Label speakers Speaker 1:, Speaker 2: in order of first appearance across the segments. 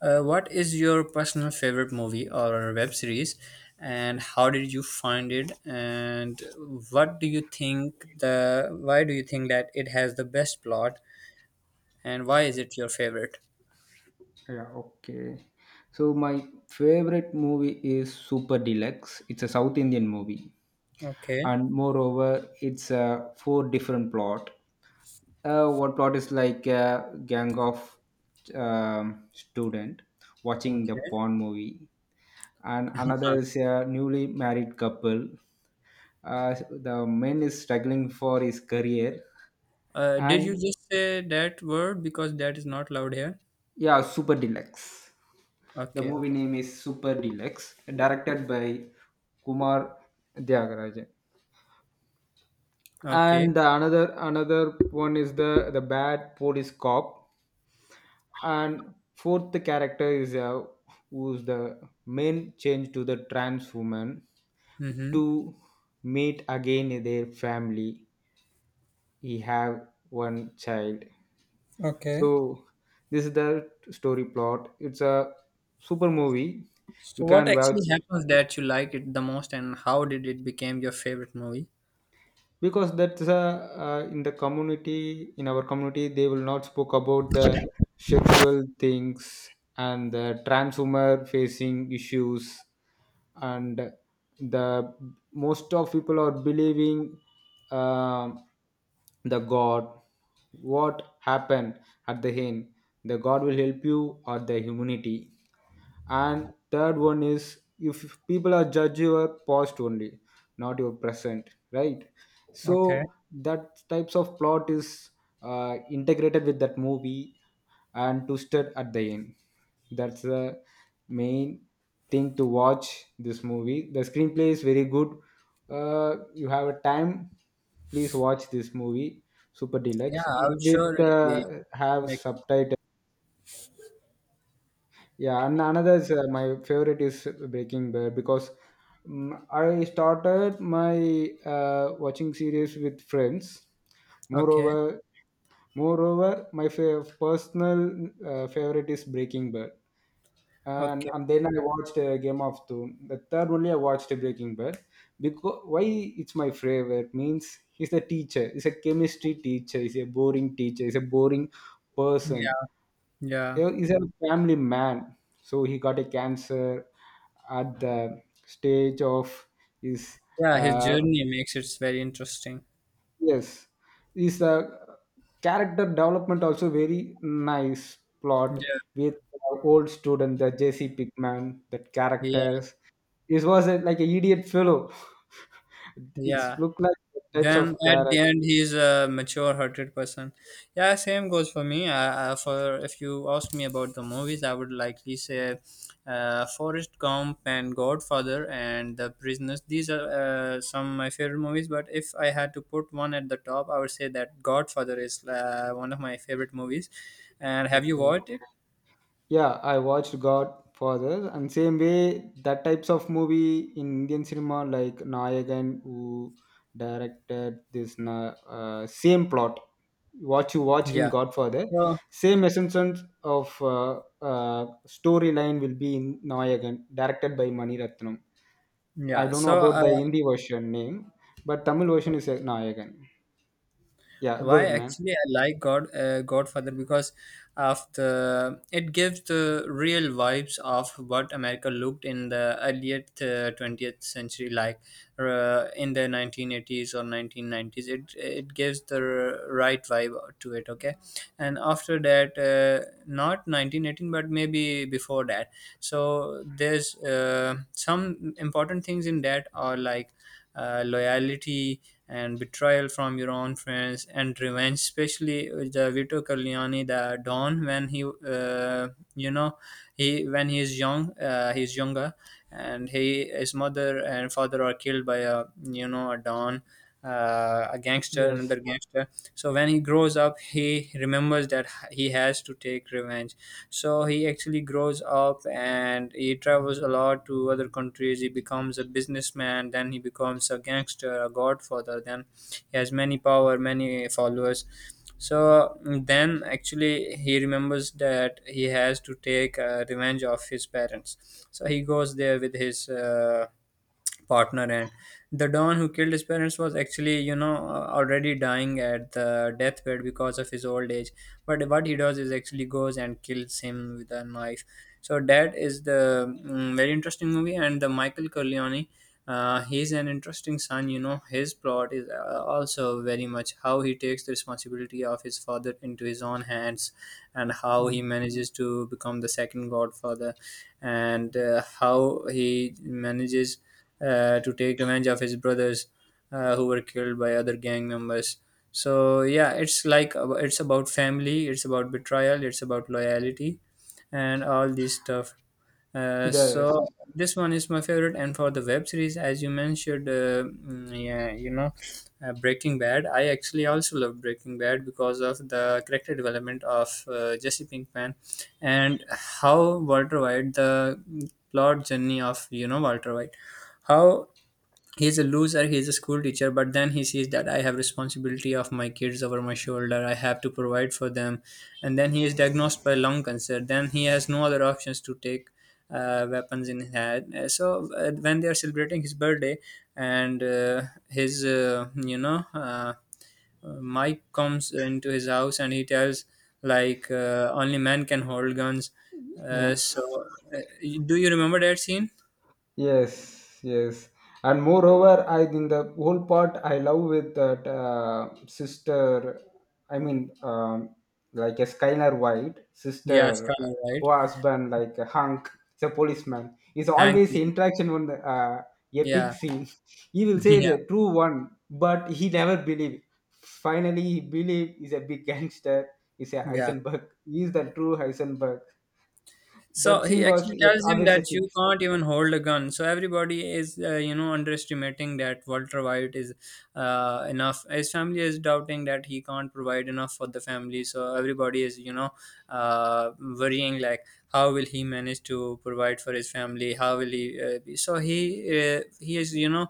Speaker 1: What is your personal favorite movie or web series, and how did you find it? And what do you think the why do you think that it has the best plot, and why is it your favorite?
Speaker 2: Yeah, okay. So my favorite movie is Super Deluxe. It's a South Indian movie,
Speaker 1: Okay,
Speaker 2: and moreover, it's four different plot. One plot is like a gang of student watching the
Speaker 1: okay.
Speaker 2: porn movie, and another is a newly married couple. The man is struggling for his career,
Speaker 1: Did you
Speaker 2: and
Speaker 1: just say that word because that is not loud here?
Speaker 2: yeah, Super Deluxe. The
Speaker 1: Okay,
Speaker 2: movie
Speaker 1: okay,
Speaker 2: name is Super Deluxe, directed by Kumar Tyagarajan.
Speaker 1: okay.
Speaker 2: And the another one is the bad police cop. And fourth character is who's the main change to the trans woman
Speaker 1: Mm-hmm.
Speaker 2: to meet again their family. He have one child.
Speaker 1: Okay.
Speaker 2: So this is the story plot. It's a super movie.
Speaker 1: So
Speaker 2: You
Speaker 1: what
Speaker 2: can watch.
Speaker 1: actually happens that you like it the most, and how did it become your favorite movie?
Speaker 2: Because that's a in our community, they will not spoke about the sexual things and the trans women facing issues. And the most of people are believing um the god. What happened at the end? The god will help you or the humanity. And third one is if people are judge your past only, not your present, right?
Speaker 1: Okay.
Speaker 2: So that types of plot is integrated with that movie and twisted at the end. That's the main thing to watch this movie. The screenplay is very good. You have a time, please watch this movie. Super
Speaker 1: Yeah,
Speaker 2: Deluxe,
Speaker 1: I
Speaker 2: it
Speaker 1: would surely
Speaker 2: with have
Speaker 1: make.
Speaker 2: subtitles. Yeah, and another is my favorite is Breaking Bad, because I started my watching series with friends.
Speaker 1: Okay.
Speaker 2: Moreover, my personal favorite is Breaking Bad, and
Speaker 1: Okay.
Speaker 2: and then I watched Game of Thrones. The third only I watched Breaking Bad, because why it's my favorite means he's the teacher. He's a chemistry teacher. He's a boring teacher. He's a boring person.
Speaker 1: Yeah. Yeah.
Speaker 2: He's a family man. So he got a cancer at the stage of his
Speaker 1: Yeah. His
Speaker 2: uh,
Speaker 1: journey makes it very interesting.
Speaker 2: yes. His character development also very nice plot
Speaker 1: Yeah.
Speaker 2: with old student, the JC Pickman. That
Speaker 1: Yeah.
Speaker 2: characters, this was like an idiot fellow. It's
Speaker 1: Yeah.
Speaker 2: look like types
Speaker 1: Then
Speaker 2: of
Speaker 1: at
Speaker 2: character.
Speaker 1: the end, he's a mature-hearted person. Yeah. Same goes for me. For if you ask me about the movies, I would likely say Forrest Gump and Godfather and The Prisoners. These are some of my favorite movies. But if I had to put one at the top, I would say that Godfather is one of my favorite movies. And have you
Speaker 2: Okay.
Speaker 1: watched it?
Speaker 2: Yeah, I watched Godfather, and same way that types of movie in Indian cinema like Nayagan, who directed this same plot what you watched in
Speaker 1: Yeah.
Speaker 2: Godfather,
Speaker 1: So
Speaker 2: same essence of storyline will be in Nayagan, directed by Mani Ratnam. I
Speaker 1: yeah.
Speaker 2: don't know
Speaker 1: So
Speaker 2: about
Speaker 1: uh,
Speaker 2: the Hindi version name, but Tamil version is Nayagan. Yeah, go
Speaker 1: why
Speaker 2: ahead, man.
Speaker 1: actually I like Godfather, because of the it gives the real vibes of what America looked in the earlier, 20th century, like, in the 1980s or 1990s. It gives the right vibe to it, okay. And after that, not 1918, but maybe before that. So there's some important things in that are like loyalty and betrayal from your own friends and revenge, especially with the Vito Corleone, the Don. When he, you know he, when he is young, he's younger, and he his mother and father are killed by a you know a Don, a gangster,
Speaker 2: Yes.
Speaker 1: another gangster. So when he grows up, he remembers that he has to take revenge. So he actually grows up, and he travels a lot to other countries. He becomes a businessman, then he becomes a gangster, a godfather. Then he has many power, many followers. So then actually he remembers that he has to take revenge of his parents, so he goes there with his partner, and the don who killed his parents was actually, you know, already dying at the deathbed because of his old age. But what he does is actually goes and kills him with a knife. So that is the very interesting movie. And the Michael Corleone, he's an interesting son. You know, his plot is also very much how he takes the responsibility of his father into his own hands, and how he
Speaker 2: Mhm.
Speaker 1: manages to become the second godfather. And how he manages to take revenge of his brothers, who were killed by other gang members. So yeah, it's like, it's about family, it's about betrayal, it's about loyalty, and all this stuff. uh,
Speaker 2: Yes.
Speaker 1: so this one is my favorite. And for the web series, as you mentioned, yeah, Breaking Bad, I actually also love Breaking Bad because of the character development of Jesse Pinkman, and how Walter White, the plot journey of, Walter White, how he's a loser, he's a school teacher. But then he sees that I have responsibility of my kids over my shoulder. I have to provide for them. And then he is diagnosed by lung cancer. Then he has no other options to take weapons in his hand. So when they are celebrating his birthday, and his, Mike comes into his house, and he tells, like, only men can hold guns. uh,
Speaker 2: Yeah.
Speaker 1: so uh, do you remember that scene?
Speaker 2: Yes, yes. And moreover, I think the whole part I love with that sister, I mean, like a Skylar White,
Speaker 1: Yeah,
Speaker 2: sister,
Speaker 1: Scarlet, right?
Speaker 2: who husband, like a hunk, the policeman, is
Speaker 1: Hank
Speaker 2: always
Speaker 1: is.
Speaker 2: interaction on the epic
Speaker 1: Yeah.
Speaker 2: scene. He will say
Speaker 1: Yeah.
Speaker 2: the true one, but he never believe. Finally, he believe he's a big gangster, he's a
Speaker 1: Yeah.
Speaker 2: Heisenberg, he's the true Heisenberg.
Speaker 1: So
Speaker 2: That
Speaker 1: he
Speaker 2: scene was
Speaker 1: actually tells him
Speaker 2: always
Speaker 1: that
Speaker 2: epic.
Speaker 1: you can't even hold a gun. So everybody is, underestimating that Walter White is enough. His family is doubting that he can't provide enough for the family. So everybody is, worrying, like, how will he manage to provide for his family? How will he? So he is.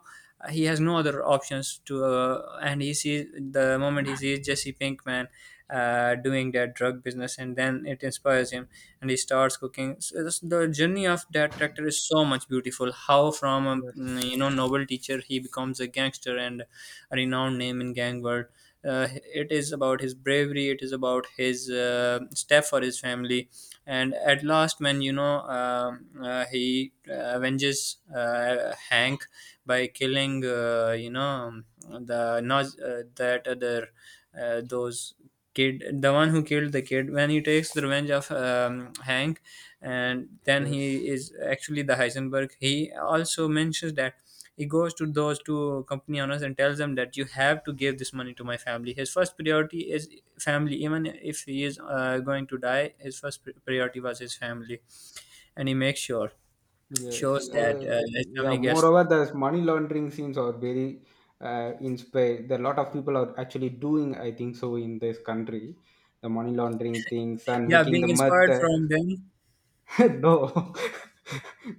Speaker 1: He has no other options to, and he sees the moment he sees Jesse Pinkman doing that drug business, and then it inspires him and he starts cooking. So the journey of that character is so much beautiful. How from a
Speaker 2: Yes,
Speaker 1: noble teacher he becomes a gangster and a renowned name in gang world. Uh, it is about his bravery. It is about his step for his family, and at last, when he avenges Hank, by killing, the that other, those kid, the one who killed the kid, when he takes the revenge of Hank, and then he
Speaker 2: yes.
Speaker 1: is actually the Heisenberg. He also mentions that he goes to those two company owners and tells them that you have to give this money to my family. His first priority is family, even if he is going to die. His first priority was his family, and he makes sure
Speaker 2: Yes.
Speaker 1: shows that
Speaker 2: Uh,
Speaker 1: his
Speaker 2: yeah.
Speaker 1: family gets.
Speaker 2: Moreover, there's money laundering scenes are very in space. There a lot of people are actually doing, I think so, in this country, the money laundering things and
Speaker 1: Yeah,
Speaker 2: making
Speaker 1: being
Speaker 2: the mud.
Speaker 1: inspired from them.
Speaker 2: No,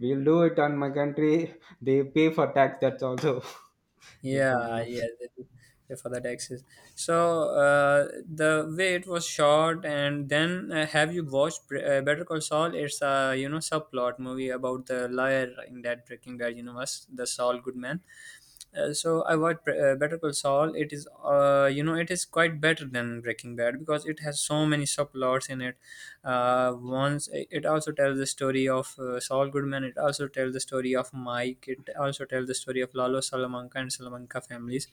Speaker 2: we'll do it on my country. They pay for tax. That's also just funny,
Speaker 1: Yeah,
Speaker 2: man.
Speaker 1: yeah, they do pay for the taxes. So the way it was shot. And then, have you watched Better Call Saul? It's a, subplot movie about the liar in that Breaking Bad universe, the Saul Goodman. So I watched Better Call Saul. It is quite better than Breaking Bad because it has so many subplots in it. Once it also tells the story of Saul Goodman. It also tells the story of Mike. It also tells the story of Lalo Salamanca and Salamanca families.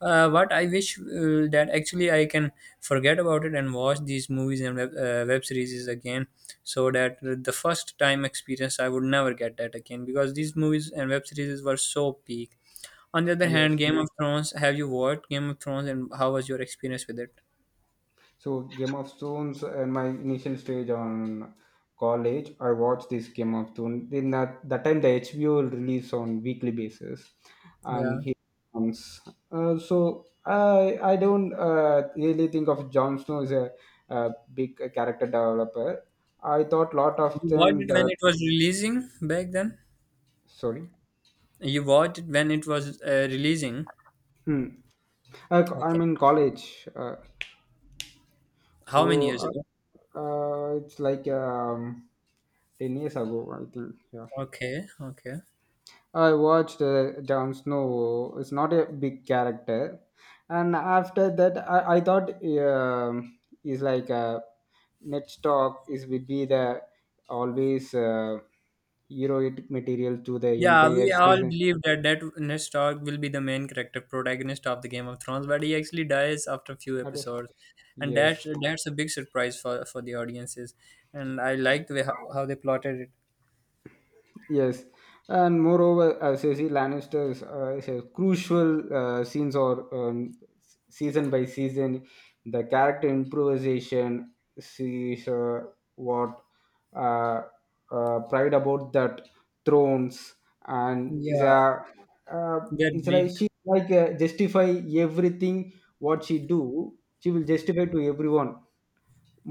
Speaker 1: What I wish, that actually I can forget about it and watch these movies and web series again, so that the first time experience I would never get that again, because these movies and web series were so peak. On the other hand,
Speaker 2: Yes.
Speaker 1: Game of Thrones, have you watched Game of Thrones, and how was your experience with it?
Speaker 2: So Game of Thrones in my initial stage on college, I watched this Game of Thrones. In that time, the HBO will release on weekly basis, and
Speaker 1: Yeah.
Speaker 2: he comes. So I don't really think of Jon Snow as a big character developer. I thought lot of
Speaker 1: You watched
Speaker 2: them
Speaker 1: it when
Speaker 2: that,
Speaker 1: it was releasing back then?
Speaker 2: sorry.
Speaker 1: You watched it when it was releasing?
Speaker 2: Hmm. I'm
Speaker 1: Okay.
Speaker 2: in college, so
Speaker 1: How many years ago?
Speaker 2: it's like 10 years ago, I think. Yeah.
Speaker 1: Okay, okay.
Speaker 2: I watched Jon Snow. It's not a big character, and after that, I thought is like next talk is will be the always heroic material to the
Speaker 1: Yeah,
Speaker 2: entire
Speaker 1: we all
Speaker 2: season.
Speaker 1: believe that Ned Stark will be the main character protagonist of the Game of Thrones, but he actually dies after a few
Speaker 2: But,
Speaker 1: episodes, and that's
Speaker 2: yes.
Speaker 1: that's a big surprise for the audiences. And I liked the way how they plotted it.
Speaker 2: Yes, and moreover, Cersei Lannister's is a crucial scenes or season by season, the character improvisation sees what uh, pride about that thrones and is
Speaker 1: Yeah,
Speaker 2: a uh,
Speaker 1: that
Speaker 2: it's like
Speaker 1: breed.
Speaker 2: she like justify everything what she do, she will justify to everyone.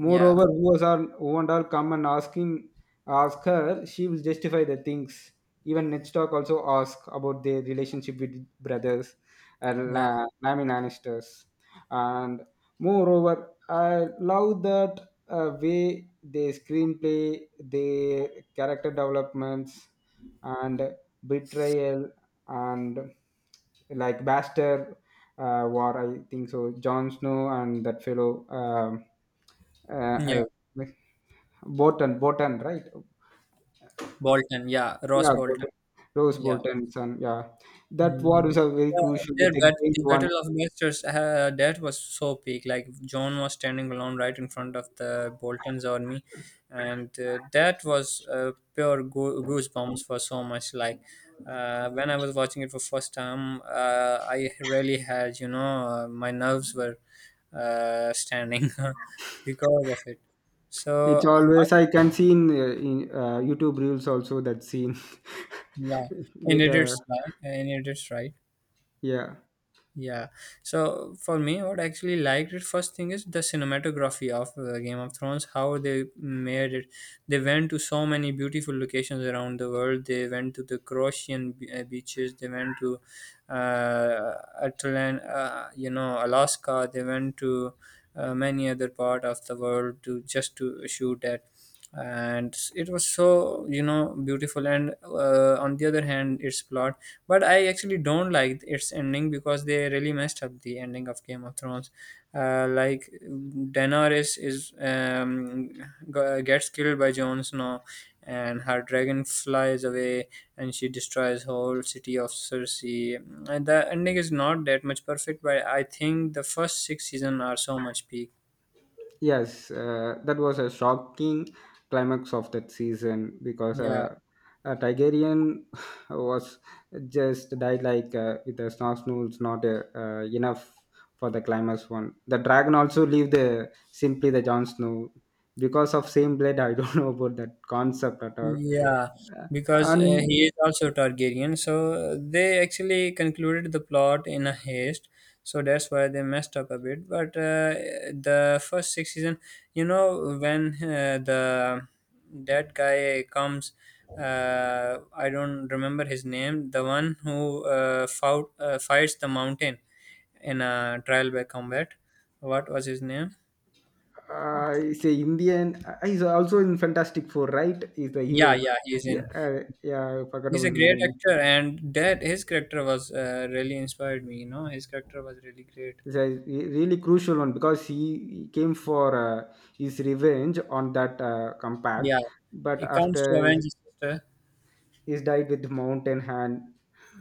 Speaker 1: Yeah,
Speaker 2: Moreover, who was all who and all come and ask her, she will justify the things. Even Ned Stark also ask about their relationship with brothers and
Speaker 1: yeah,
Speaker 2: Lamin Lannisters. And moreover, I love that way they screenplay, their character developments, and betrayal and like Baster War, I think so. Jon Snow and that fellow uh,
Speaker 1: yeah.
Speaker 2: uh, Bolton, Bolton, right?
Speaker 1: Bolton, yeah, Ross
Speaker 2: Yeah,
Speaker 1: Bolton,
Speaker 2: Bolton. Rose
Speaker 1: yeah.
Speaker 2: Bolton's son. Yeah, that
Speaker 1: Mm.
Speaker 2: war is a very crucial
Speaker 1: Their
Speaker 2: with a
Speaker 1: But
Speaker 2: great
Speaker 1: the
Speaker 2: one.
Speaker 1: Battle of Masters, that was so peak. Like, John was standing alone right in front of the Bolton's army, and that was pure goosebumps for so much. Like, when I was watching it for first time, I really had, my nerves were standing because of it. So
Speaker 2: It's always I can see in YouTube reels also that scene
Speaker 1: yeah, and
Speaker 2: with
Speaker 1: it is
Speaker 2: the.
Speaker 1: right, and it is right.
Speaker 2: Yeah.
Speaker 1: Yeah. So for me, what I actually liked it first thing is the cinematography of Game of Thrones, how they made it. They went to so many beautiful locations around the world. They went to the Croatian beaches. They went to, uh, Alaska. They went to many other part of the world to just to shoot at. And it was so, beautiful. And on the other hand, its plot. But I actually don't like its ending because they really messed up the ending of Game of Thrones. Like, Daenerys is, gets killed by Jon Snow, and her dragon flies away, and she destroys whole city of Cersei. And the ending is not that much perfect, but I think the first six season are so much peak.
Speaker 2: Yes, that was a shocking climax of that season, because
Speaker 1: Yeah.
Speaker 2: Tigerian was just died like with the snooze not enough for the climax one. The dragon also leave the simply the Jon Snow because of same blade. I don't know about that concept at all.
Speaker 1: Yeah,
Speaker 2: Uh,
Speaker 1: because
Speaker 2: and
Speaker 1: he is also Targaryen, so they actually concluded the plot in a haste, so that's why they messed up a bit. But the first six season, when the that guy comes, I don't remember his name, the one who fought fights the mountain in a trial by combat. What was his name?
Speaker 2: uh, he's a Indian. He's also in Fantastic Four, right? He's the
Speaker 1: Yeah,
Speaker 2: hero.
Speaker 1: yeah, he is
Speaker 2: Yeah,
Speaker 1: in.
Speaker 2: yeah, I forgot
Speaker 1: He's
Speaker 2: about
Speaker 1: a
Speaker 2: his
Speaker 1: great
Speaker 2: name.
Speaker 1: actor, and that his character was really inspired me. His character was really great.
Speaker 2: It's a really crucial one, because he came for his revenge on that
Speaker 1: Yeah,
Speaker 2: compact, but
Speaker 1: it comes to
Speaker 2: after
Speaker 1: avenge his sister.
Speaker 2: he's died with mountain hand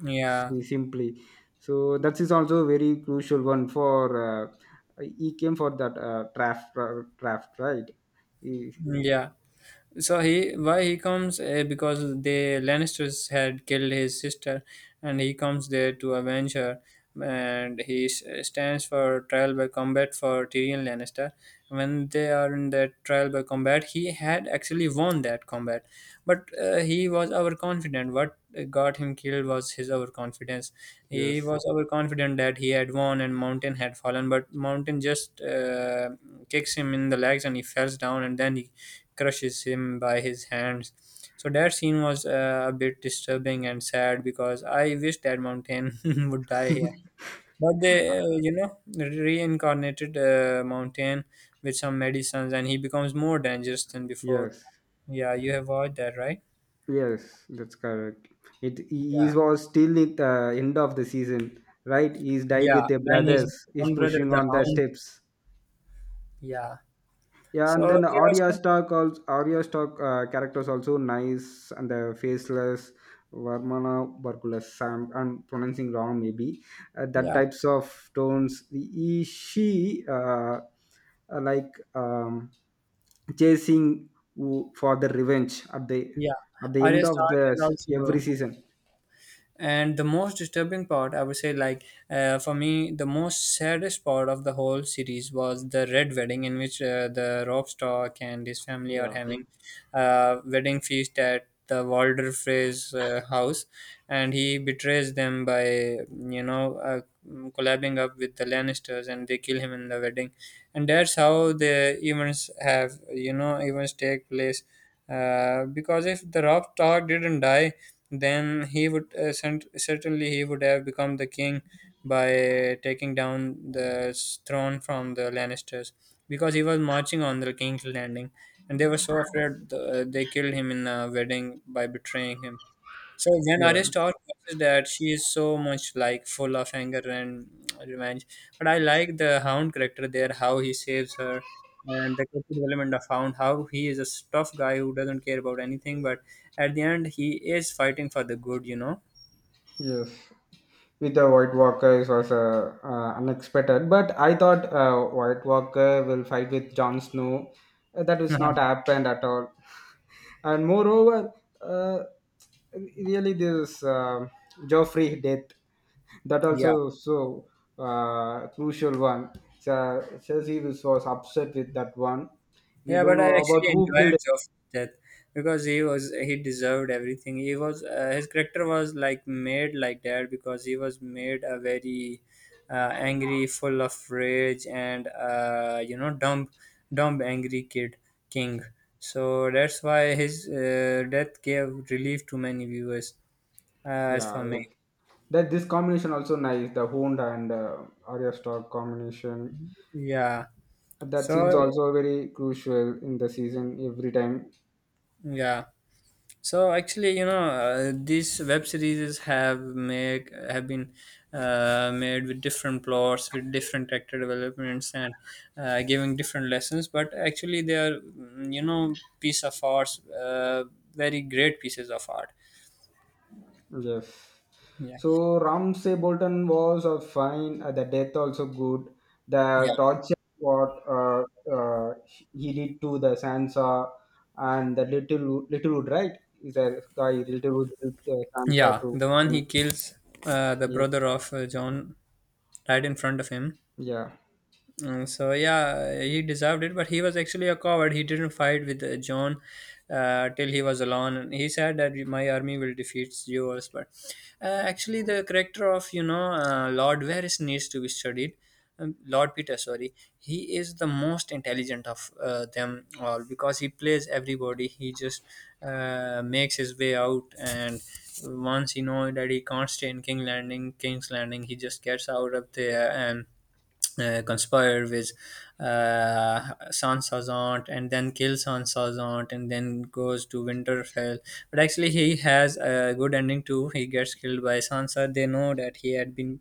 Speaker 1: Yeah,
Speaker 2: simply, so that is also very crucial one for uh, he came for that draft, draft, right? He-
Speaker 1: yeah. So he why he comes, because the Lannisters had killed his sister, and he comes there to avenge her. And he stands for trial by combat for Tyrion Lannister. When they are in that trial by combat, he had actually won that combat, but he was overconfident. What got him killed was his overconfidence. He
Speaker 2: yes,
Speaker 1: was overconfident that he had won and Mountain had fallen, but Mountain just kicks him in the legs and he falls down, and then he crushes him by his hands. So that scene was a bit disturbing and sad because I wish that mountain would die here. But they reincarnated Mountain with some medicines, and he becomes more dangerous than before.
Speaker 2: yes,
Speaker 1: Yeah, you have watched that, right?
Speaker 2: yes, that's correct. It he
Speaker 1: Yeah,
Speaker 2: was still at the end of the season, right? He's died
Speaker 1: yeah.
Speaker 2: with their
Speaker 1: Man is
Speaker 2: brothers, he's
Speaker 1: one brother,
Speaker 2: pushing
Speaker 1: the
Speaker 2: on the
Speaker 1: Hound.
Speaker 2: steps.
Speaker 1: Yeah.
Speaker 2: Yeah,
Speaker 1: So
Speaker 2: and then
Speaker 1: there are
Speaker 2: Arya
Speaker 1: some.
Speaker 2: Stark also Arya Stark characters also nice, and the faceless Varmana Barculus Sam. I'm pronouncing wrong maybe. That
Speaker 1: Yeah,
Speaker 2: types of tones. He, she like chasing for the revenge at the
Speaker 1: yeah.
Speaker 2: end
Speaker 1: Arya
Speaker 2: of
Speaker 1: Stark
Speaker 2: the
Speaker 1: is
Speaker 2: every
Speaker 1: also.
Speaker 2: season.
Speaker 1: And the most disturbing part, I would say, like, for me, the most saddest part of the whole series was the red wedding, in which the Rob Stark and his family are
Speaker 2: Yeah,
Speaker 1: having a wedding feast at the Walder Frey's house, and he betrays them by collabing up with the Lannisters, and they kill him in the wedding. And that's how the events have you know events take place, because if the Rob Stark didn't die, then he would certainly he would have become the king by taking down the throne from the Lannisters, because he was marching on the King's Landing, and they were so afraid, they killed him in a wedding by betraying him. So when
Speaker 2: yeah.
Speaker 1: Aristar watches that, she is so much like full of anger and revenge. But I like the Hound character there, how he saves her, and the character development of Hound, how he is a tough guy who doesn't care about anything, but at the end he is fighting for the good, you know.
Speaker 2: Yes, with the White Walker, it was unexpected. But I thought White Walker will fight with Jon Snow. That was not happened at all. And moreover, uh, really this Joffrey death, that
Speaker 1: Yeah.
Speaker 2: also so crucial one. So Cersei was upset with that one. We
Speaker 1: Yeah,
Speaker 2: don't
Speaker 1: but I
Speaker 2: know about
Speaker 1: actually
Speaker 2: who killed
Speaker 1: enjoyed
Speaker 2: it.
Speaker 1: Joff's death because he deserved everything. He was, his character was like made like that, because he was made a very angry, full of rage, and dumb, dumb, angry kid king. So that's why his death gave relief to many viewers. Uh, as for
Speaker 2: Yeah,
Speaker 1: me,
Speaker 2: that this combination also nice. The Hound and Arya Stark combination,
Speaker 1: yeah.
Speaker 2: that
Speaker 1: So
Speaker 2: scene's also very crucial in the season every time.
Speaker 1: yeah. So actually, these web series have been made with different plots, with different character developments, and giving different lessons. But actually, they are, piece of art, very great pieces of art.
Speaker 2: Yes.
Speaker 1: Yeah,
Speaker 2: So Ramsay Bolton was fine. The death also good.
Speaker 1: yeah,
Speaker 2: The torture what uh, he did to the Sansa and the little Littlewood, right? Is a guy Littlewood did, Sansa
Speaker 1: yeah.
Speaker 2: to
Speaker 1: The one
Speaker 2: um,
Speaker 1: he kills the
Speaker 2: yeah,
Speaker 1: brother of John, right in front of him.
Speaker 2: yeah,
Speaker 1: So yeah, he deserved it, but he was actually a coward. He didn't fight with John till he was alone. And he said that my army will defeat yours, but actually the character of Lord Varys needs to be studied. Lord Peter, sorry, he is the most intelligent of them all, because he plays everybody. He just makes his way out, and once he knows that he can't stay in King's Landing, he just gets out of there and conspire with uh, Sansa's aunt, and then kills Sansa's aunt, and then goes to Winterfell. But actually, he has a good ending too. He gets killed by Sansa. They know that he had been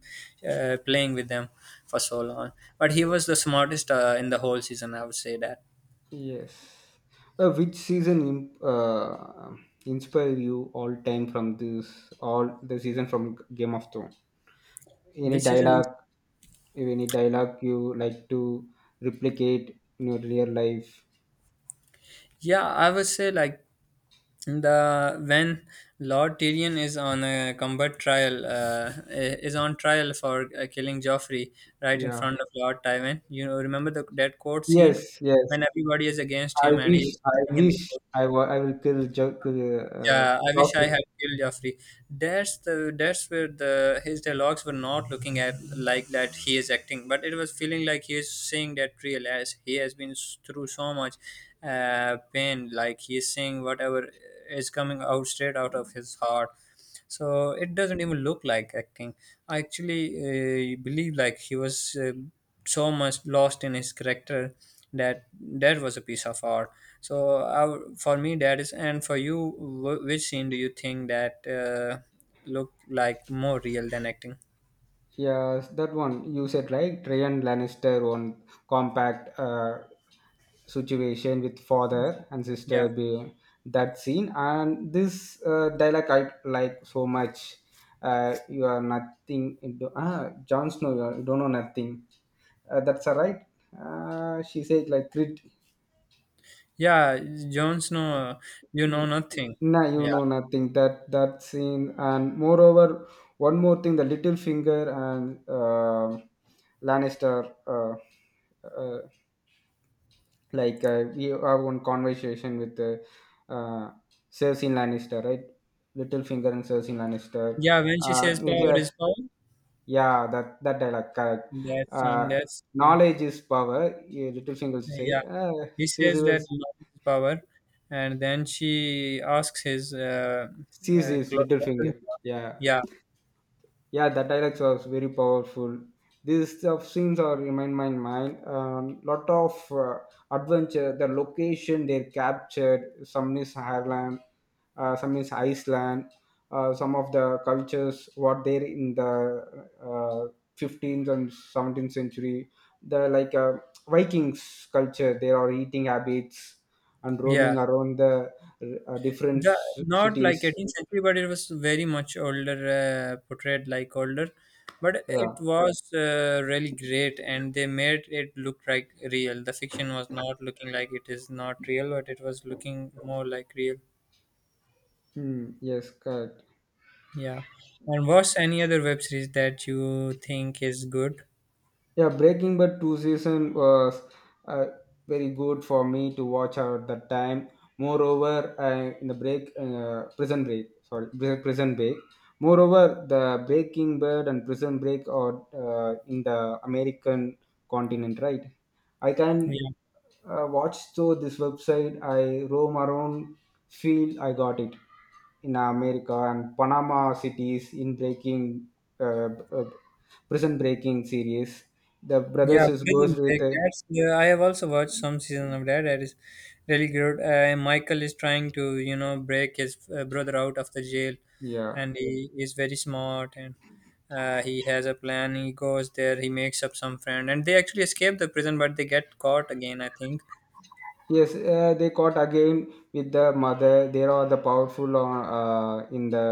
Speaker 1: playing with them for so long. But he was the smartest in the whole season, I would say that.
Speaker 2: yes. Which season inspire you all time from this all the season from Game of Thrones? Any
Speaker 1: Which season?
Speaker 2: dialogue, if any dialogue you like to replicate in your real life?
Speaker 1: Yeah, I would say, like, the when Lord Tyrion is on a combat trial, is on trial for killing Joffrey, right in
Speaker 2: Yeah,
Speaker 1: front of Lord Tywin. You know, remember the that court scene
Speaker 2: yes, yes.
Speaker 1: when everybody is against
Speaker 2: i
Speaker 1: him and he
Speaker 2: wish
Speaker 1: is
Speaker 2: i
Speaker 1: standing in the,
Speaker 2: wish i will kill jo- kill, uh,
Speaker 1: yeah, I wish I
Speaker 2: joffrey
Speaker 1: had killed Joffrey. That's where the his dialogues were not looking at like that he is acting, but it was feeling like he is saying that real, as he has been through so much pain. Like he is saying whatever is coming out straight out of his heart, so it doesn't even look like acting. I actually believe like he was uh, so much lost in his character, that that was a piece of art. So for me, that is. And for you, which scene do you think that looked like more real than acting?
Speaker 2: Yes, that one you said right. Tryon Lannister on compact situation with father and
Speaker 1: Yeah.
Speaker 2: sister. Being that scene, and this dialogue I like so much. You are nothing. Into, ah, Jon Snow, you, you don't know nothing. That's all right. She said like crit.
Speaker 1: Yeah, Jon Snow, you know nothing.
Speaker 2: Nah, you
Speaker 1: Yeah.
Speaker 2: know nothing. That scene, and moreover, one more thing: the Littlefinger and Lannister. Uh, like we have one conversation with uh, Cersei Lannister, right? Littlefinger and Cersei Lannister.
Speaker 1: Yeah, when she
Speaker 2: Uh,
Speaker 1: says
Speaker 2: he
Speaker 1: power
Speaker 2: says-
Speaker 1: is power.
Speaker 2: yeah, that dialogue. Correct.
Speaker 1: That scene,
Speaker 2: Uh,
Speaker 1: that's
Speaker 2: Knowledge is power. Yeah, Littlefinger
Speaker 1: yeah.
Speaker 2: say.
Speaker 1: He says
Speaker 2: Cersei
Speaker 1: that
Speaker 2: was
Speaker 1: knowledge is power, and then she asks his uh,
Speaker 2: Cersei
Speaker 1: clo-
Speaker 2: Littlefinger. Yeah.
Speaker 1: yeah.
Speaker 2: Yeah, the dialects was very powerful. These scenes are remind my mind. Lot of adventure. The location they captured. Some is Ireland, some is Iceland. Some of the cultures what there in the uh, 15th and 17th century. The like Vikings culture. There are eating habits and
Speaker 1: Yeah,
Speaker 2: roaming around the different
Speaker 1: the not like
Speaker 2: cities.
Speaker 1: 18th century, but it was very much older, portrayed like older, but it
Speaker 2: Yeah.
Speaker 1: was really great, and they made it look like real. The fiction was not looking like it is not real, but it was looking more like real.
Speaker 2: Hmm. Yes. Correct.
Speaker 1: Yeah. And what's any other web series that you think is good?
Speaker 2: Yeah, Breaking Bad two season was uh, very good for me to watch at that time. Moreover, I, in the break prison break, sorry, prison break. Moreover, the Breaking Bad and Prison Break are in the American continent, right? I can
Speaker 1: Yeah.
Speaker 2: watch through this website. I roam around, feel I got it in America and Panama cities in Breaking. Uh, uh, Prison breaking series. The
Speaker 1: Yeah,
Speaker 2: brothers is goes
Speaker 1: Prison
Speaker 2: with
Speaker 1: Break.
Speaker 2: a,
Speaker 1: That's, yeah, I have also watched some season of that. That is really good. Michael is trying to, you know, break his brother out of the jail,
Speaker 2: yeah,
Speaker 1: and he is very smart, and he has a plan. He goes there. He makes up some friend, and they actually escape the prison, but they get caught again, I think.
Speaker 2: yes. They caught again with the mother. They are the powerful in the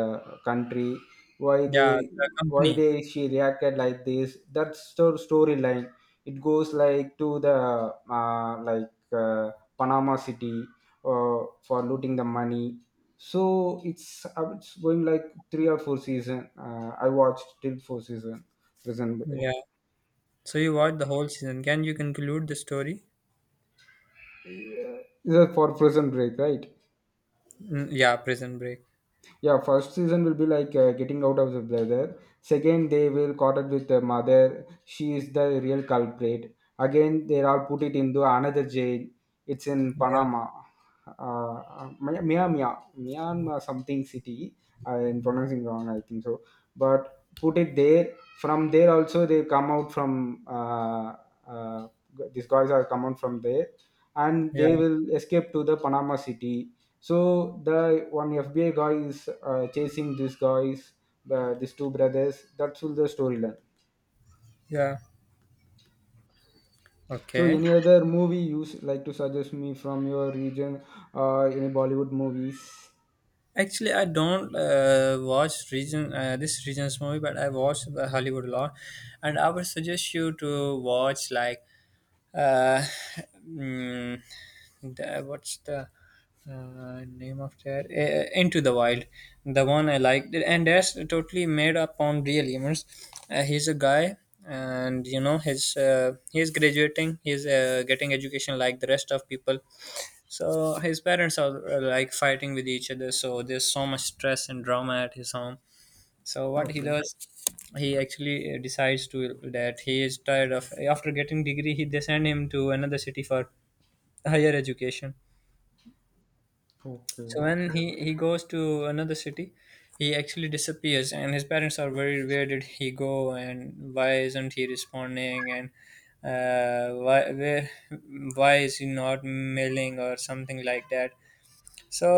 Speaker 2: country. Why
Speaker 1: Yeah,
Speaker 2: they
Speaker 1: the
Speaker 2: why
Speaker 1: company.
Speaker 2: they she reacted like this? That storyline, it goes like to the uh, like uh, Panama City for looting the money. So it's going like three or four season. I watched till four season prison break.
Speaker 1: Yeah. So you watched the whole season. Can you conclude the story?
Speaker 2: This is for prison break, right?
Speaker 1: Mm, yeah, Prison Break.
Speaker 2: Yeah, first season will be like getting out of the brother. Second, they will caught it with the mother. She is the real culprit. Again, they are put it into another jail. It's in
Speaker 1: Yeah,
Speaker 2: Panama, uh, uh, Mia Mia Myanmar something city. I'm pronouncing wrong, I think so. But put it there. From there also, they come out from uh, uh, these guys are come out from there, and
Speaker 1: yeah,
Speaker 2: they will escape to the Panama city. So the one FBI guy is chasing these guys, these two brothers, that's all the storyline.
Speaker 1: yeah.
Speaker 2: So
Speaker 1: Okay.
Speaker 2: any other movie you like to suggest me from your region, any Bollywood movies?
Speaker 1: Actually, I don't watch region this region's movie, but I watch the Hollywood a lot, and I would suggest you to watch like uh, mm, the, what's the name of that into the wild, the one I liked, and that's totally made up on real humans. He's a guy, and you know his, he's graduating, he's getting education like the rest of people. So his parents are like fighting with each other, so there's so much stress and drama at his home. So what he
Speaker 2: Okay.
Speaker 1: does, he actually decides to, that he is tired of, after getting degree, he, they send him to another city for higher education. So
Speaker 2: Okay.
Speaker 1: when he goes to another city, he actually disappears, and his parents are worried. Where did he go, and why isn't he responding? And uh, why where why is he not mailing or something like that? So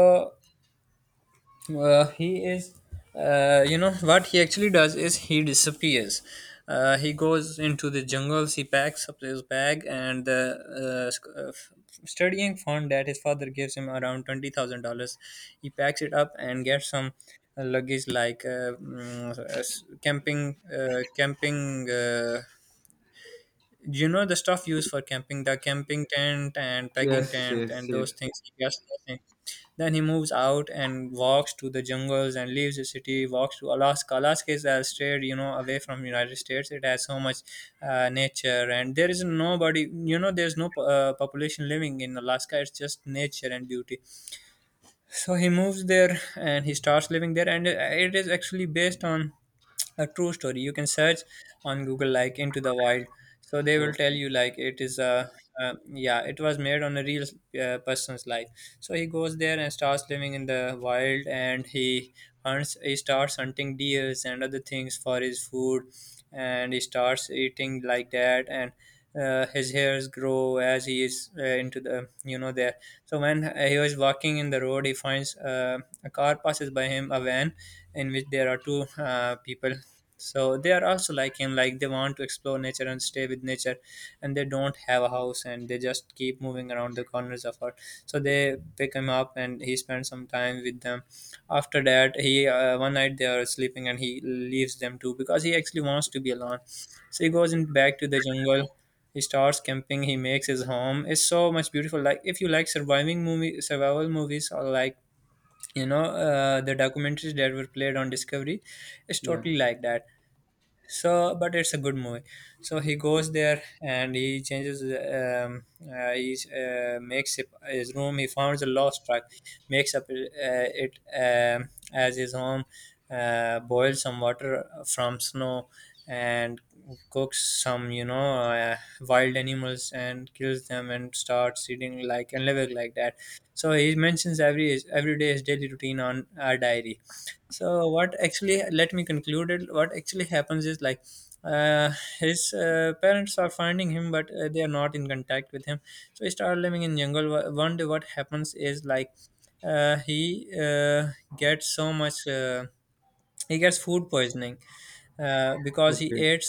Speaker 1: he is, you know what he actually does is, he disappears, he goes into the jungles, he packs up his bag and the uh, sc- uh, f- studying fund that his father gives him, around $20,000. He packs it up and gets some luggage, like camping, you know, the stuff used for camping, the camping tent and pegging
Speaker 2: Yes,
Speaker 1: tent
Speaker 2: yes,
Speaker 1: and
Speaker 2: yes.
Speaker 1: those things, he gets those things. Then he moves out and walks to the jungles and leaves the city, walks to Alaska. Alaska is a state, you know, away from United States. It has so much nature, and there is nobody, you know, there's no population living in Alaska. It's just nature and beauty. So he moves there and he starts living there, and it is actually based on a true story. You can search on Google, like, into the wild, so they will tell
Speaker 2: Okay.
Speaker 1: you like it is a yeah, it was made on a real person's life. So he goes there and starts living in the wild, and he hunts, he starts hunting deers and other things for his food, and he starts eating like that, and his hairs grow as he is into the, you know, the. So when he was walking in the road, he finds a car passes by him, a van, in which there are two people. So they are also like him, like they want to explore nature and stay with nature, and they don't have a house, and they just keep moving around the corners of earth. So they pick him up and he spends some time with them. After that, he, one night they are sleeping and he leaves them too, because he actually wants to be alone. So he goes in back to the jungle, he starts camping, he makes his home. It's so much beautiful. Like, if you like surviving movie survival movies, or like, you know, the documentaries that were played on discovery, it's
Speaker 2: Yeah.
Speaker 1: totally like that. So, but it's a good movie. So he goes there and he changes, he makes it his room. He finds a lost truck, makes up it as his home, boils some water from snow, and cooks some, you know, wild animals, and kills them and starts eating like and living like that. So he mentions every day his daily routine on our diary. So what actually, let me conclude it, what actually happens is like, uh, his parents are finding him, but they are not in contact with him. So he started living in jungle. One day what happens is like, he gets so much he gets food poisoning, because he
Speaker 2: Okay,
Speaker 1: ate,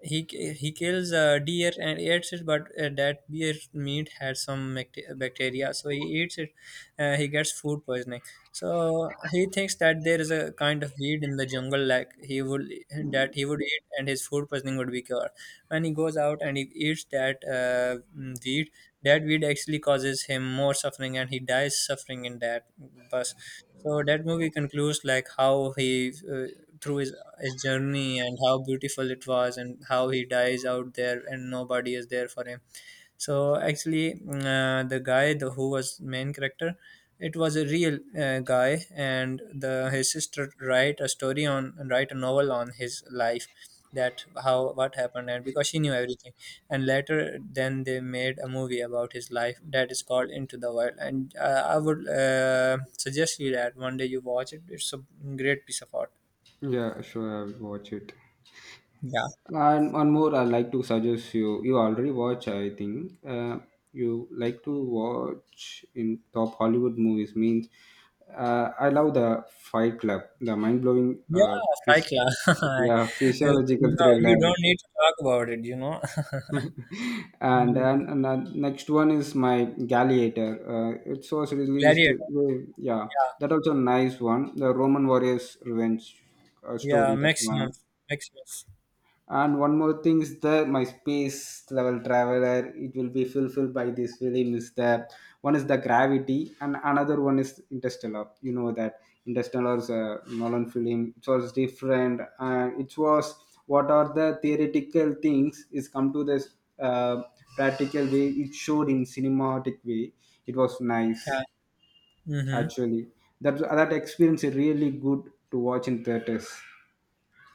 Speaker 1: he he kills a deer and eats it, but that deer meat has some bacteria, so he eats it. He gets food poisoning. So he thinks that there is a kind of weed in the jungle, like he would, that he would eat, and his food poisoning would be cured. When he goes out and he eats that weed, that weed actually causes him more suffering, and he dies suffering in that bus. So that movie concludes, like, how he through his journey, and how beautiful it was, and how he dies out there and nobody is there for him. So actually the guy, the who was main character, it was a real guy, and the his sister write a story on, write a novel on his life, that how what happened, and because she knew everything. And later then they made a movie about his life, that is called into the wild, and I would suggest you that one day you watch it. It's a great piece of art.
Speaker 2: yeah, sure, I'll watch it.
Speaker 1: Yeah.
Speaker 2: And one more, I like to suggest you. You already watch, I think. You like to watch in top Hollywood movies. Means, I love the Fight Club, the mind blowing,
Speaker 1: Yeah, Fight
Speaker 2: phys-
Speaker 1: Club.
Speaker 2: yeah, physiological
Speaker 1: No,
Speaker 2: thriller.
Speaker 1: you don't need to talk about it, you know.
Speaker 2: and and,
Speaker 1: Mm.
Speaker 2: and the next one is my Gladiator. It was released.
Speaker 1: Gladiator.
Speaker 2: Yeah, that also nice one. The Roman Warriors Revenge
Speaker 1: Yeah,
Speaker 2: story. That one.
Speaker 1: Maximus. Maximus.
Speaker 2: And one more thing is that my space level traveler, it will be fulfilled by this film, is the one is the gravity and another one is Interstellar. You know that Interstellar is a Nolan film. It was different. It was what are the theoretical things is come to this uh, practical way. It showed in cinematic way. It was
Speaker 1: Yeah.
Speaker 2: nice
Speaker 1: Mm-hmm.
Speaker 2: actually. That experience is really good to watch in theaters,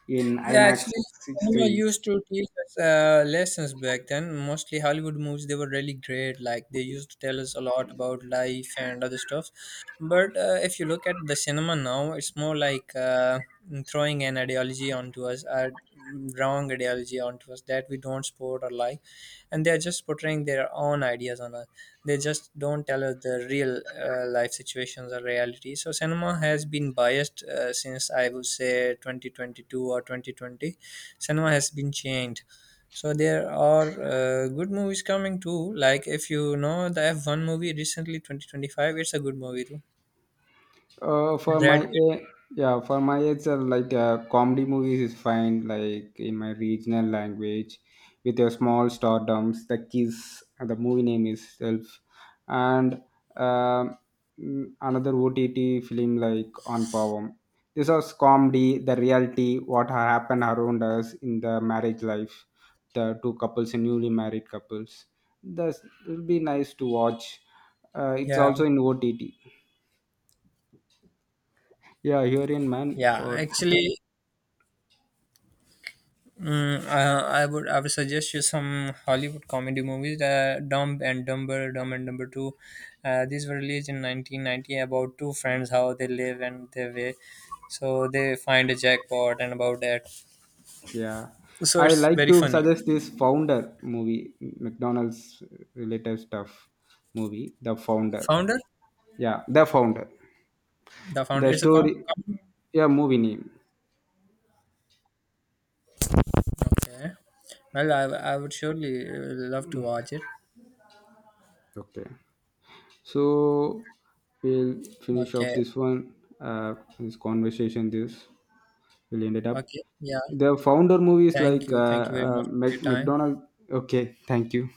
Speaker 2: in
Speaker 1: Yeah,
Speaker 2: IMAX
Speaker 1: actually, cinema
Speaker 2: screen.
Speaker 1: used to teach us lessons back then. Mostly Hollywood movies, they were really great. Like, they used to tell us a lot about life and other stuff. But if you look at the cinema now, it's more like throwing an ideology onto us, a wrong ideology onto us that we don't support or like, and they're just portraying their own ideas on us. They just don't tell us the real life situations or reality. So cinema has been biased since, I would say, 2022 or 2020, cinema has been changed. So there are good movies coming too, like if you know the F1 movie recently, 2025, it's a good movie too.
Speaker 2: For
Speaker 1: Brad
Speaker 2: my
Speaker 1: Pitt,
Speaker 2: yeah, for my age, comedy movies is fine. Like in my regional language, with a small stardoms, the kiss, and the movie name itself, and um, another OTT film like on Pavam. This was comedy, the reality, what happened around us in the marriage life, the two couples and newly married couples. This will be nice to watch. It's
Speaker 1: yeah.
Speaker 2: also in OTT, yeah, here in man
Speaker 1: Yeah,
Speaker 2: for,
Speaker 1: actually, I would, I would suggest you some Hollywood comedy movies, Dumb and Dumber Two. These were released in 1990, about two friends, how they live and their way. So they find a jackpot and about that.
Speaker 2: yeah,
Speaker 1: So
Speaker 2: I
Speaker 1: it's
Speaker 2: like
Speaker 1: very
Speaker 2: to
Speaker 1: funny.
Speaker 2: suggest this Founder movie, McDonald's related stuff movie, The Founder.
Speaker 1: Founder,
Speaker 2: Yeah, The Founder.
Speaker 1: the founder
Speaker 2: The
Speaker 1: is a
Speaker 2: story.
Speaker 1: comedy.
Speaker 2: Yeah, movie name.
Speaker 1: Okay. Well, I would surely love to watch it.
Speaker 2: Okay, so we'll finish off
Speaker 1: Okay.
Speaker 2: this one. This conversation. This will end it up.
Speaker 1: Okay. Yeah.
Speaker 2: The Founder movie is
Speaker 1: Thank
Speaker 2: like
Speaker 1: you. Thank you very much for your time.
Speaker 2: McDonald. Okay, thank you.